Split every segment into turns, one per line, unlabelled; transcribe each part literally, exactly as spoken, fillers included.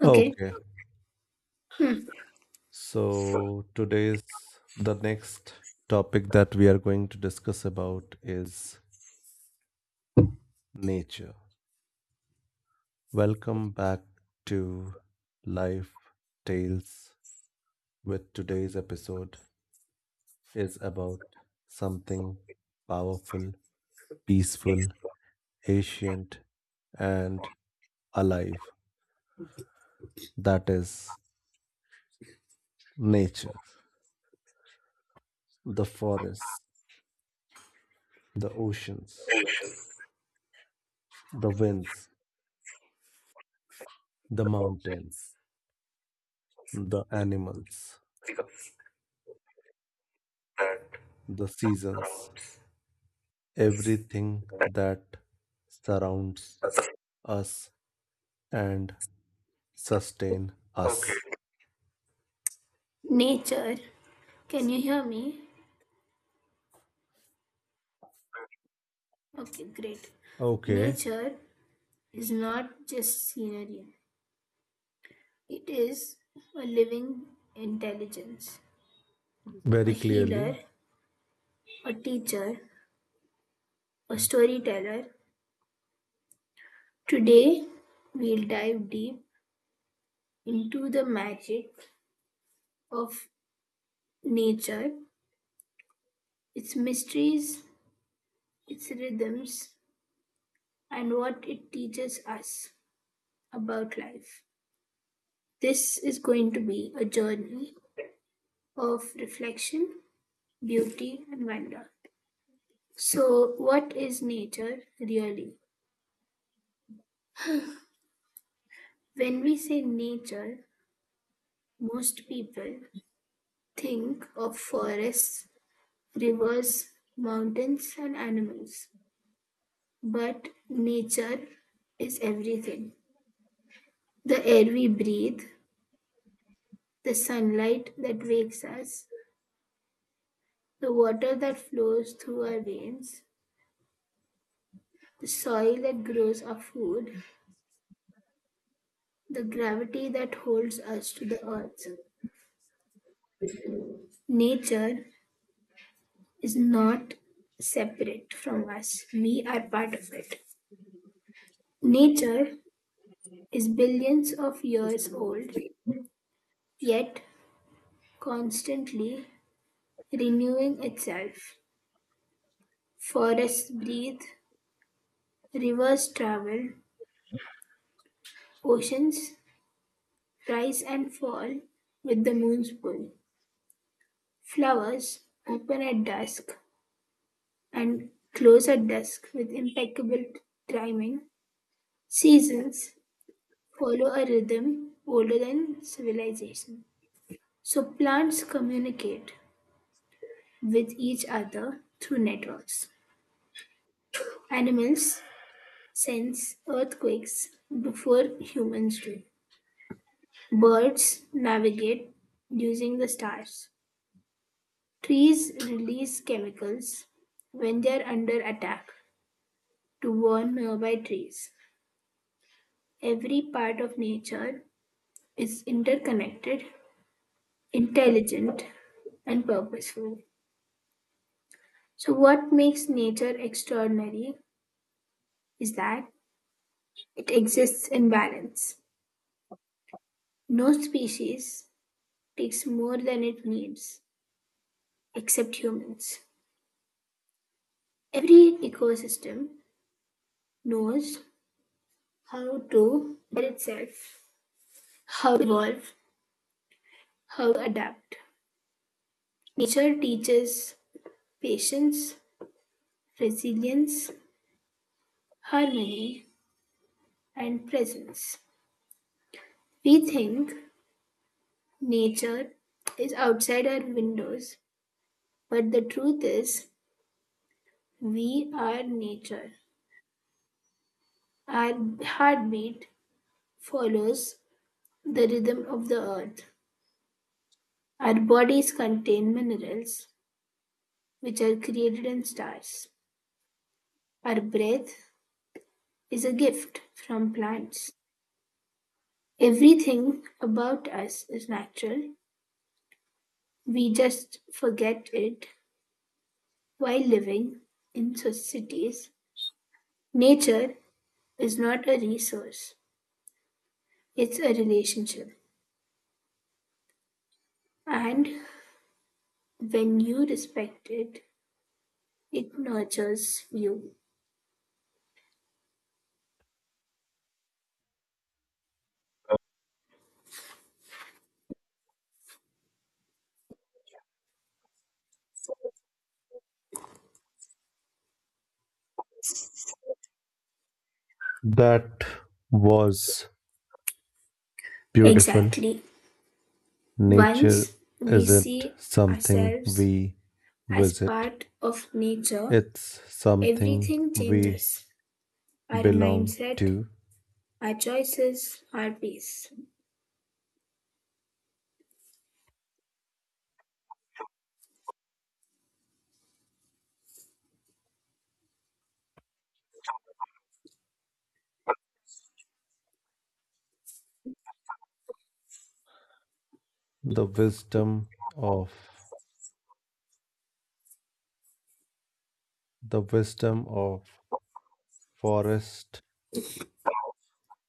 Okay.
Okay,
Hmm.
so today's the next topic that we are going to discuss about is nature. Welcome back to Life Tales with today's episode is about something powerful, peaceful, ancient and alive. That is nature, the forests, the oceans,
There is
the winds, the
no
mountains,
difference
the animals
because that
the seasons,
surrounds us.
everything
That
that surrounds
doesn't.
us and sustain
Okay.
us.
Nature. Can you hear me? Okay, great.
Okay,
Nature is not just scenery, it is a living intelligence, a
very
healer,
clearly.
a teacher, a storyteller. Today, we'll dive deep into the magic of nature, its mysteries, its rhythms, and what it teaches us about life. This is going to be a journey of reflection, beauty, and wonder. So, what is nature really? When we say nature, most people think of forests, rivers, mountains, and animals. But nature is everything: the air we breathe, the sunlight that wakes us, the water that flows through our veins, the soil that grows our food, the gravity that holds us to the earth. Nature is not separate from us, we are part of it. Nature is billions of years old, yet constantly renewing itself. Forests breathe, rivers travel, oceans rise and fall with the moon's pull. Flowers open at dusk and close at dusk with impeccable timing. Seasons follow a rhythm older than civilization. So plants communicate with each other through networks. Animals sense earthquakes before humans do. Birds navigate using the stars. Trees release chemicals when they are under attack to warn nearby trees. Every part of nature is interconnected, intelligent, and purposeful. So, what makes nature extraordinary is that it exists in balance. No species takes more than it needs, except humans. Every ecosystem knows how to better itself, how to evolve, how to adapt. Nature teaches patience, resilience, harmony, and presence. We think nature is outside our windows, but the truth is, we are nature. Our heartbeat follows the rhythm of the earth. Our bodies contain minerals, which are created in stars. Our breath is a gift from plants. Everything about us is natural. We just forget it while living in societies. Nature is not a resource, it's a relationship. And when you respect it, it nurtures you.
That was beautiful.
Exactly.
Nature
Once we
isn't
see
something
ourselves
we
as
visit,
part of nature,
it's something
everything
we
changes our
belong
mindset,
to.
our choices, our peace.
The wisdom of the wisdom of forest,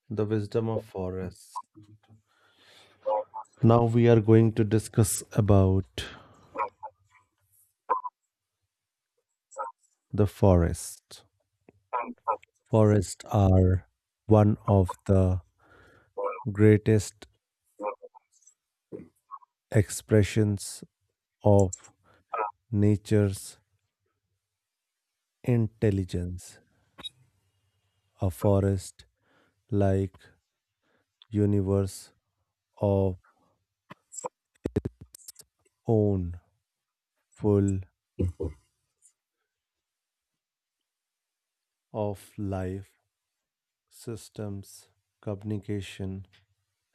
the wisdom of forests. Now we are going to discuss about the forest. Forests are one of the greatest expressions of nature's intelligence. A forest like universe of own, full of life, systems, communication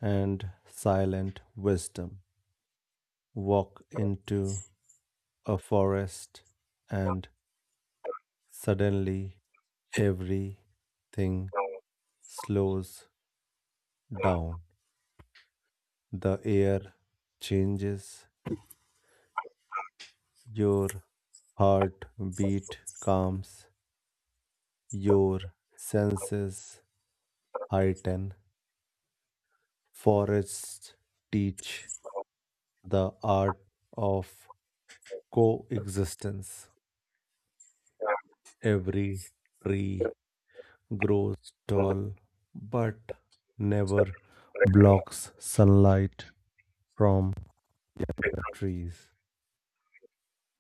and silent wisdom. Walk into a forest and suddenly, everything slows down. The air changes. Your heartbeat calms. Your senses heighten. Forests teach the art of coexistence. Every tree grows tall but never blocks sunlight from the trees.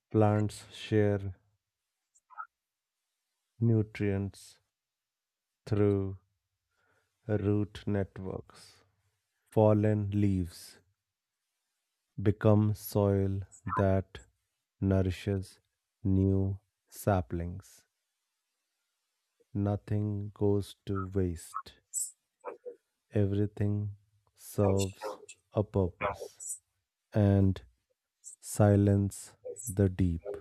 Plants share nutrients through root networks. Fallen leaves become soil that nourishes new saplings. Nothing goes to waste. Everything serves a purpose. And silence the deep.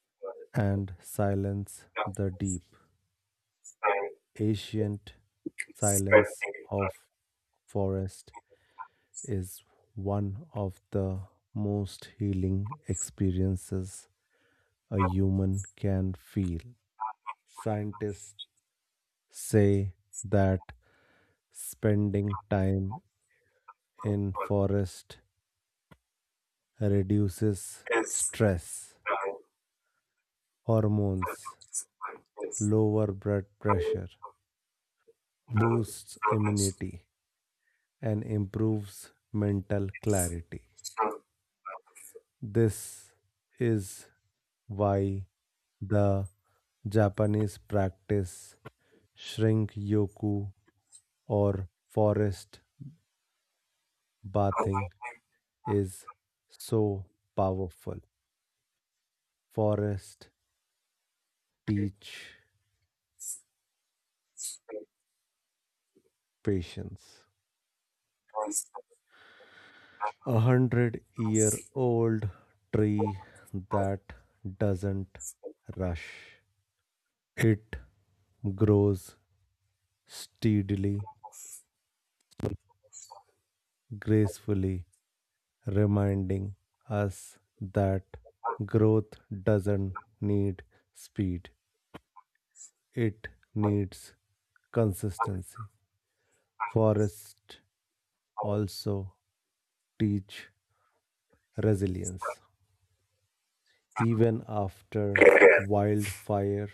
And silence
Mm.
the deep. Ancient silence of forest is one of the most healing experiences a human can feel. Scientists say that spending time in forest reduces stress, hormones, lower blood pressure, boosts immunity and improves mental clarity. This is why the Japanese practice shrink yoku or forest bathing is so powerful. Forest teach patience. A hundred-year-old tree that doesn't rush. It grows steadily, gracefully, reminding us that growth doesn't need speed, it needs consistency. Forests also teach resilience. Even after wildfire,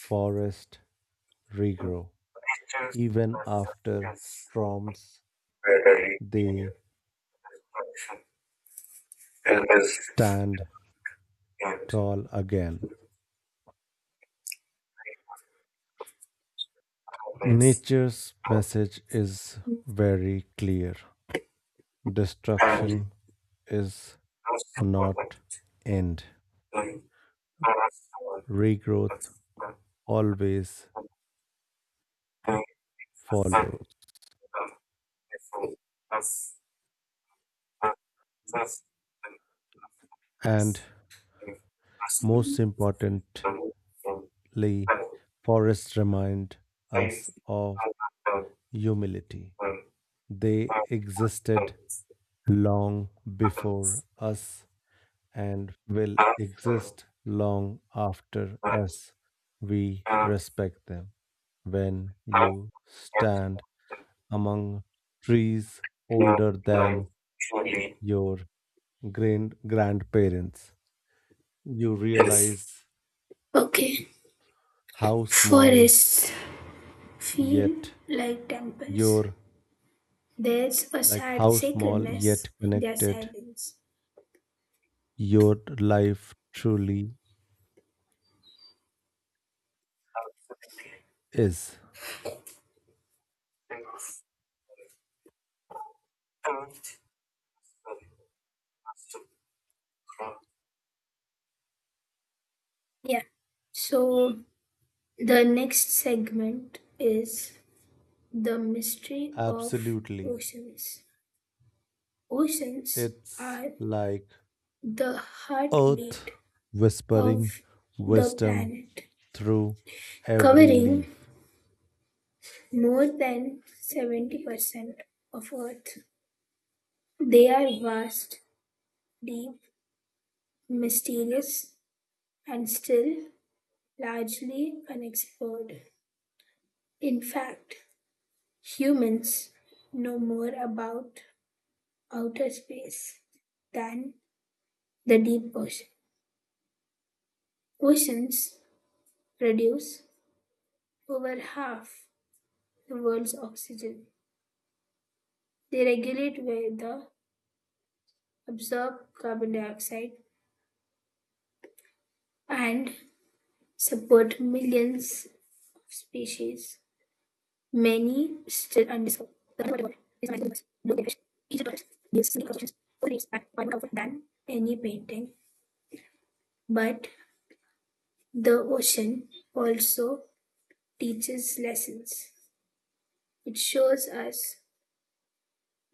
forests
Mm.
regrow. Even after storms, they stand tall again. Nature's message is very clear.
And
Destruction is
most
not end.
important,
Regrowth always follows. And most importantly, forests remind us of humility. They existed long before us and will exist long after us. We respect them. When you stand among trees older than your grand grandparents, you realize
okay,
how small
forests feel
yet
like temples.
your
There's a
like
sad
how small yet
sacredness in their
connected
silence.
your life truly is.
Yeah. So the next segment is the mystery of
Absolutely.
oceans. Oceans
It's
are
like
the
earth
heartbeat
whispering
of the
wisdom
planet,
through every
covering
leaf.
more than seventy percent of Earth. They are vast, deep, mysterious, and still largely unexplored. In fact, humans know more about outer space than the deep ocean. Oceans produce over half the world's oxygen. They regulate weather, absorb carbon dioxide, and support millions of species, many still undiscovered. The underwater world is amazing universe. Blue jellyfish, Egypt tortoise, gives sleeping constructions, full leaves, and more comfort than any painting. But the ocean also teaches lessons. It shows us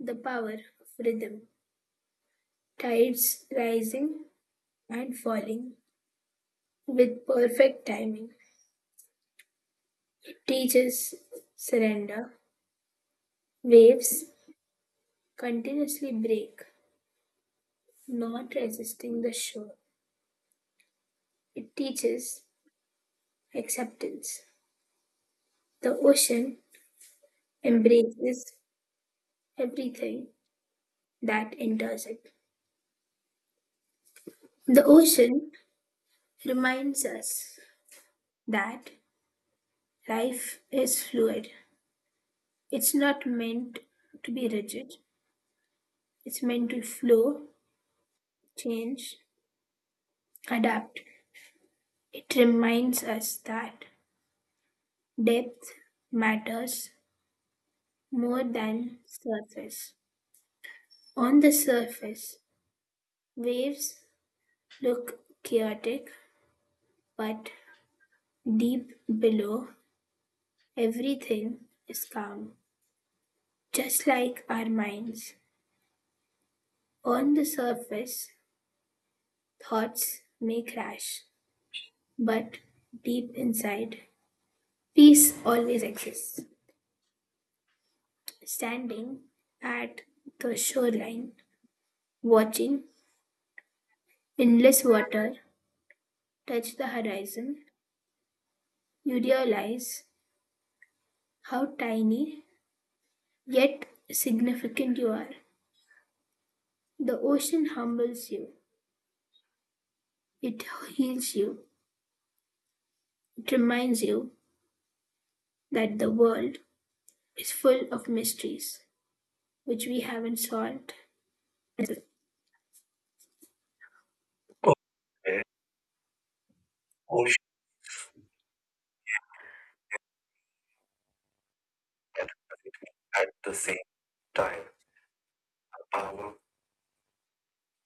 the power of rhythm, tides rising and falling with perfect timing. It teaches surrender, waves continuously break, not resisting the shore. It teaches acceptance. The ocean embraces everything that enters it. The ocean reminds us that life is fluid. It's not meant to be rigid, it's meant to flow, change, adapt. It reminds us that depth matters more than surface. On the surface, waves look chaotic, but deep below, everything is calm, just like our minds. On the surface, thoughts may crash, but deep inside, peace always exists. Standing at the shoreline, watching endless water touch the horizon, you realize how tiny yet significant you are. The ocean humbles you, it heals you, it reminds you that the world is full of mysteries which we haven't solved. Ocean at the same time, the power,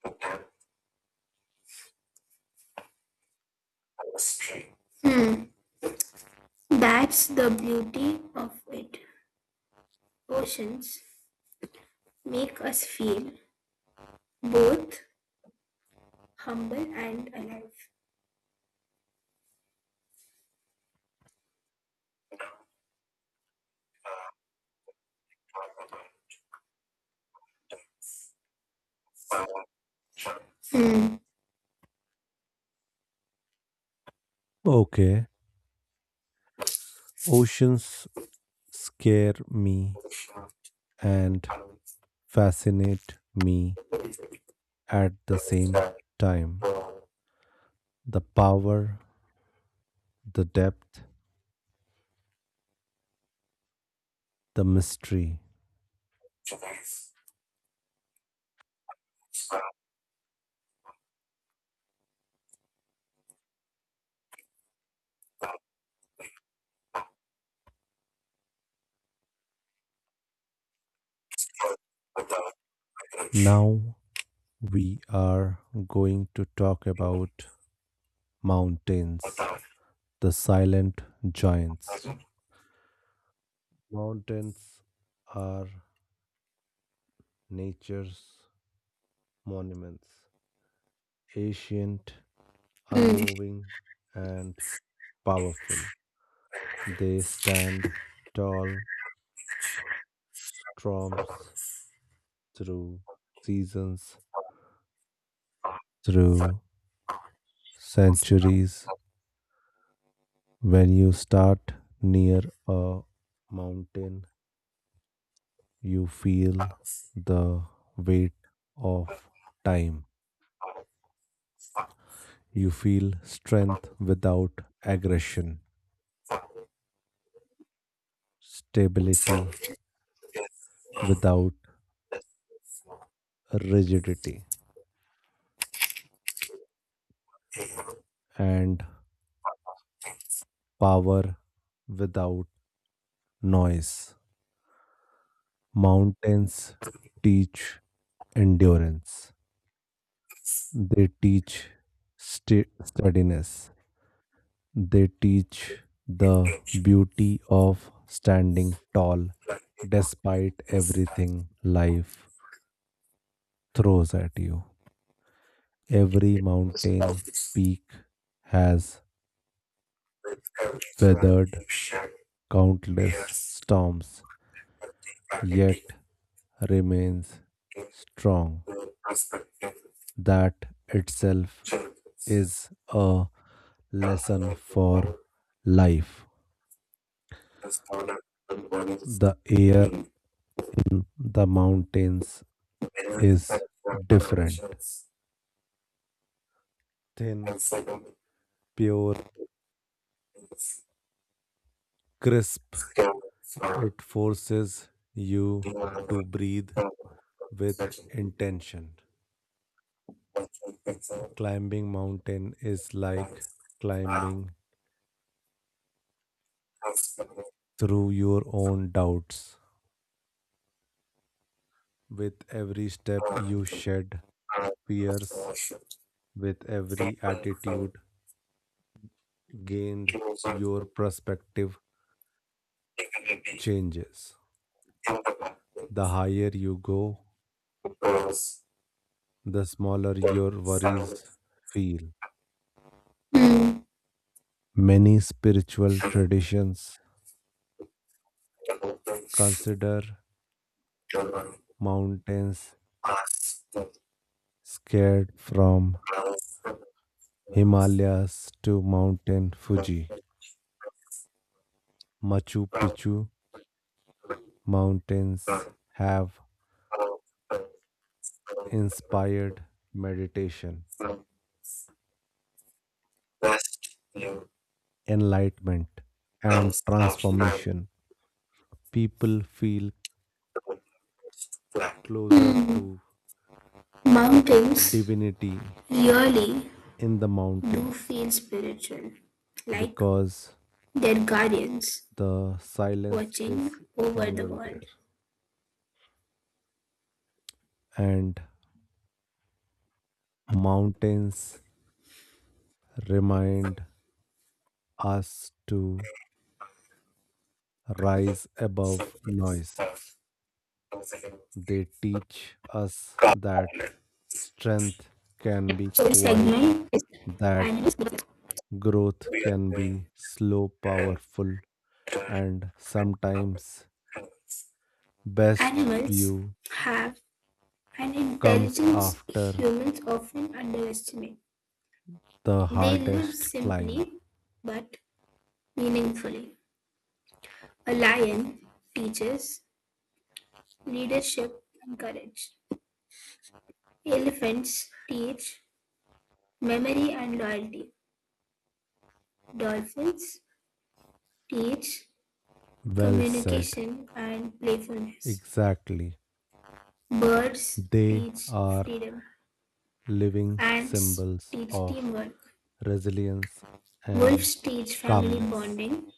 and hmm, that's the beauty of it. Oceans make us feel both humble and alive. Hmm.
Okay, oceans scare me and fascinate me
Hmm.
at the same time. The power, the depth, the mystery. Now we are going to talk about mountains, the silent giants. Mountains are nature's monuments, ancient, unmoving, and powerful. They stand tall, storms through seasons, through centuries. When you start near a mountain, you feel the weight of time. You feel strength without aggression, stability without rigidity, and power without noise. Mountains teach endurance, they teach sta- steadiness. They teach the beauty of standing tall despite everything life throws at you. Every mountain peak has weathered countless
Yes.
storms,
Practicing
yet remains strong.
the perspective
That itself
changes.
is a
The
lesson
higher the
for
goal,
life.
the smaller the bodies
The air,
need.
the mountains
Many
is
software
different,
productions
thin,
also don't
pure,
use
crisp.
scale for
It forces you
the
to breathe with
searching
intention.
what can pixel
Climbing mountain is like
points are
climbing
possible
through your
to
own doubts. With every step
earn
you
the
shed
power of
fears,
solution.
with every
People from
attitude gained,
users
your perspective
dignity
changes.
in the market
The higher you go,
because
the smaller
mm.
your worries feel.
Mm.
Many spiritual traditions consider mountains scared, from Himalayas to Mountain Fuji. Machu Picchu mountains have inspired meditation, enlightenment, and transformation. People feel closer to
Mountains
divinity
really
in the
do
mountains
feel spiritual, like
because
their guardians
the silence
watching
is
over the
stronger there.
world.
And mountains remind us to rise above noise. They teach us
Car
that
outlet.
strength can be
So this
quiet,
segment is
that
animals.
growth
We are
can be
going
slow,
and
powerful,
uh,
and sometimes
animals.
best
Animals
view
have an
comes
intelligence
after
humans often underestimate.
the
They live
hardest climb.
simply but meaningfully. A lion teaches leadership and courage. Elephants teach memory and loyalty. Dolphins teach
Well said.
communication and playfulness.
Exactly.
Birds
They
teach
are
freedom.
living
Ants
symbols
teach
of
teamwork.
resilience and
Wolves teach family
calmness.
bonding.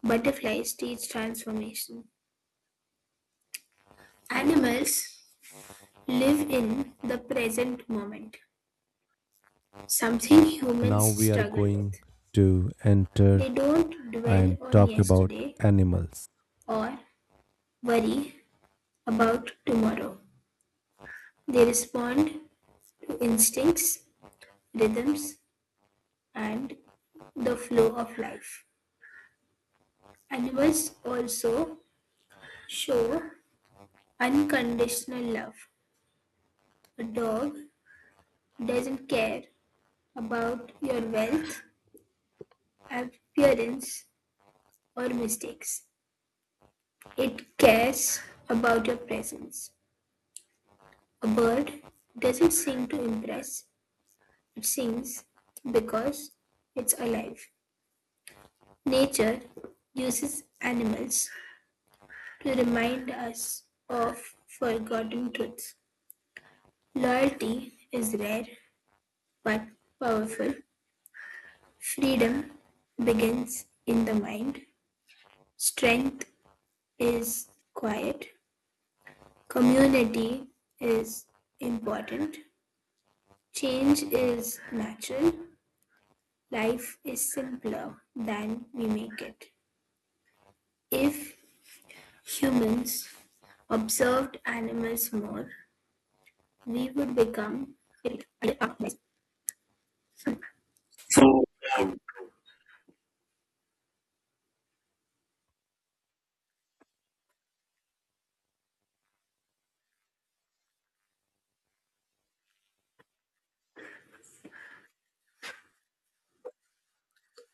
Butterflies teach transformation. Animals live in the present moment, something humans
Now we are
struggle with.
going to enter
They don't dwell
and
on
talk about
yesterday
animals.
or worry about tomorrow. They respond to instincts, rhythms, and the flow of life. Animals also show unconditional love. A dog doesn't care about your wealth, appearance, or mistakes. It cares about your presence. A bird doesn't sing to impress, it sings because it's alive. Nature uses animals to remind us of forgotten truths. Loyalty is rare but powerful. Freedom begins in the mind. Strength is quiet. Community is important. Change is natural. Life is simpler than we make it. If humans observed animals more, we would become. So, um,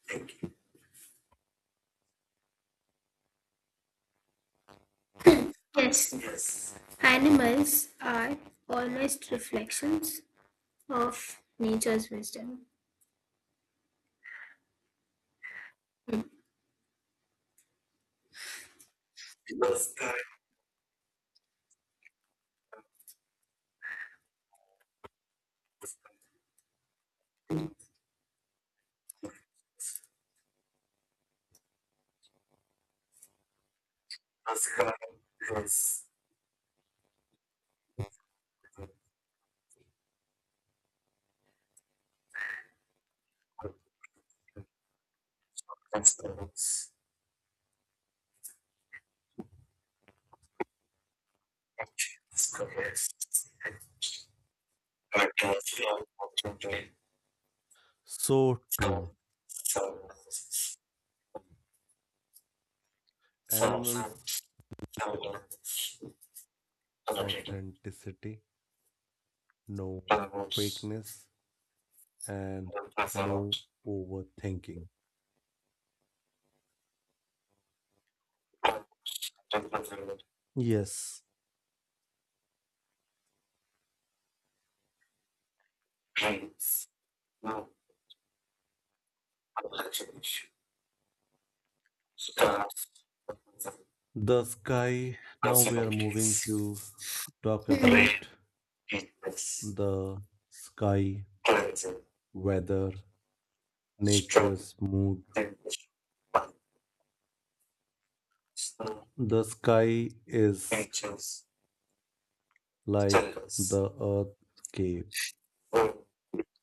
thank you. Yes, yes. Animals are almost reflections of nature's wisdom. Namaskar. That's correct. Yes. That's correct. That's correct. But that's not what you did.
So
So,
true.
so, so, so,
Animals,
so, other people,
authenticity, no
other groups,
fakeness, and
other pass out,
no overthinking.
other pass out,
Yes,
pains, no, other actions, stars,
the sky. Now we are
possibilities.
moving to talk
Play,
about
fitness,
the sky,
cleansing,
weather,
strong,
nature's mood.
temptation, snow,
The sky is
anxious,
like
stillness,
the earth's cave,
road,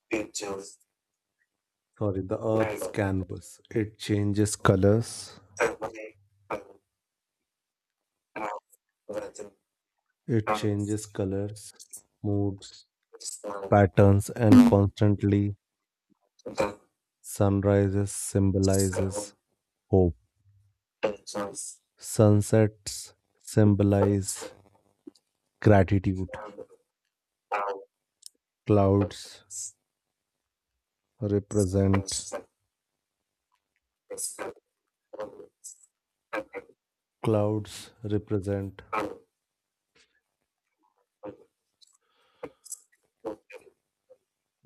beaches,
sorry, the
light,
Earth's canvas. It changes colors,
away, home, mouth, weather,
it
promise,
changes colors, moods,
snow,
patterns, and
the
constantly. Sunrises
snow,
symbolizes hope,
anxious,
sunsets
whisper,
symbolize gratitude,
wonder, hour,
clouds
influence,
represent
instant, discover, moments, and
clouds represent
hour, moments,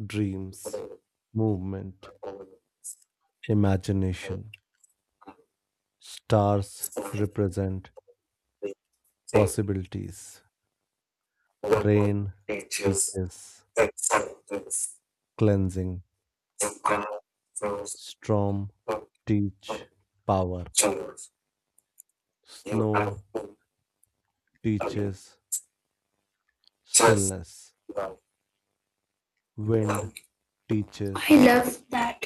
dreams,
whatever,
movement,
over, I,
imagination, stars
sign,
represent
they, take,
possibilities,
level,
rain
beaches,
teaches
acceptance,
cleansing.
you can choose
Storm
to
teach power.
choose. You
Snow
have to agree.
teaches
Just
stillness.
love
Wind
love. I
teaches
love that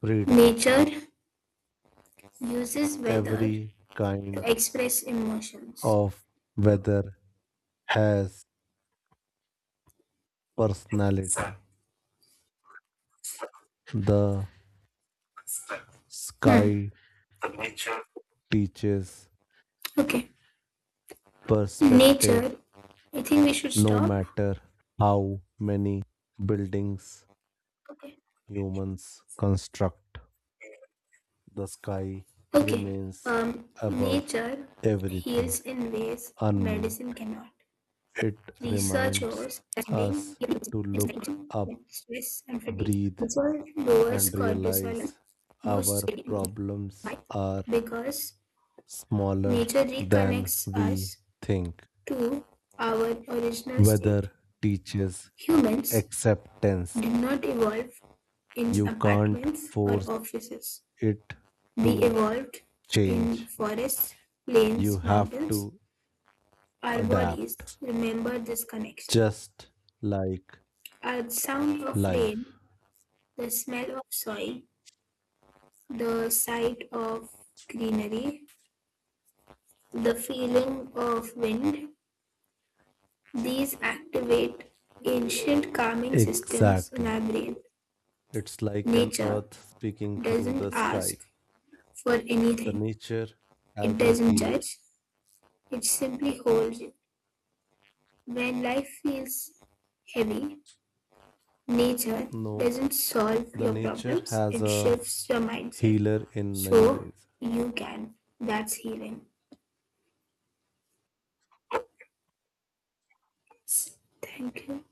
freedom.
nature uses weather
Every
to
kind
express emotions.
of weather has
Sun,
personality.
sun,
The
sun. Hmm.
sky
The nature.
teaches
Okay. Nature.
perspective
I think we should
no
stop.
matter how many buildings
Okay.
humans construct. The sky
Okay.
remains
Um,
above
nature
everything,
heals in ways medicine
unmoved.
cannot.
It reminds
Researchers studying
us to look
inflammation,
up,
stress, and fatigue.
breathe,
Cortisol lowers
and
cortisol,
realize
boosts
our
creativity.
problems
Why?
are
Because
smaller
nature
than
reconnects
we
us
think.
to our original state.
Weather teaches
Humans
acceptance.
did not evolve in
You can't
apartments or
force
offices.
it
We
to
evolved in
change.
forests,
You
plains,
have
mountains.
to
Our bodies
adapt,
remember this connection.
just like
Our sound of rain,
life.
the smell of soil, the sight of greenery, the feeling of wind, these activate ancient calming systems in our
Exactly.
brain.
It's like an
Nature
earth speaking through
doesn't
the sky.
ask for
The
anything,
nature
it
has a
doesn't
healer.
judge, it simply holds you. When life feels heavy, nature
No,
doesn't solve
the
your
nature
problems,
has
it
a
shifts your mindset
healer in many
so
ways.
you can. That's healing. Thank you.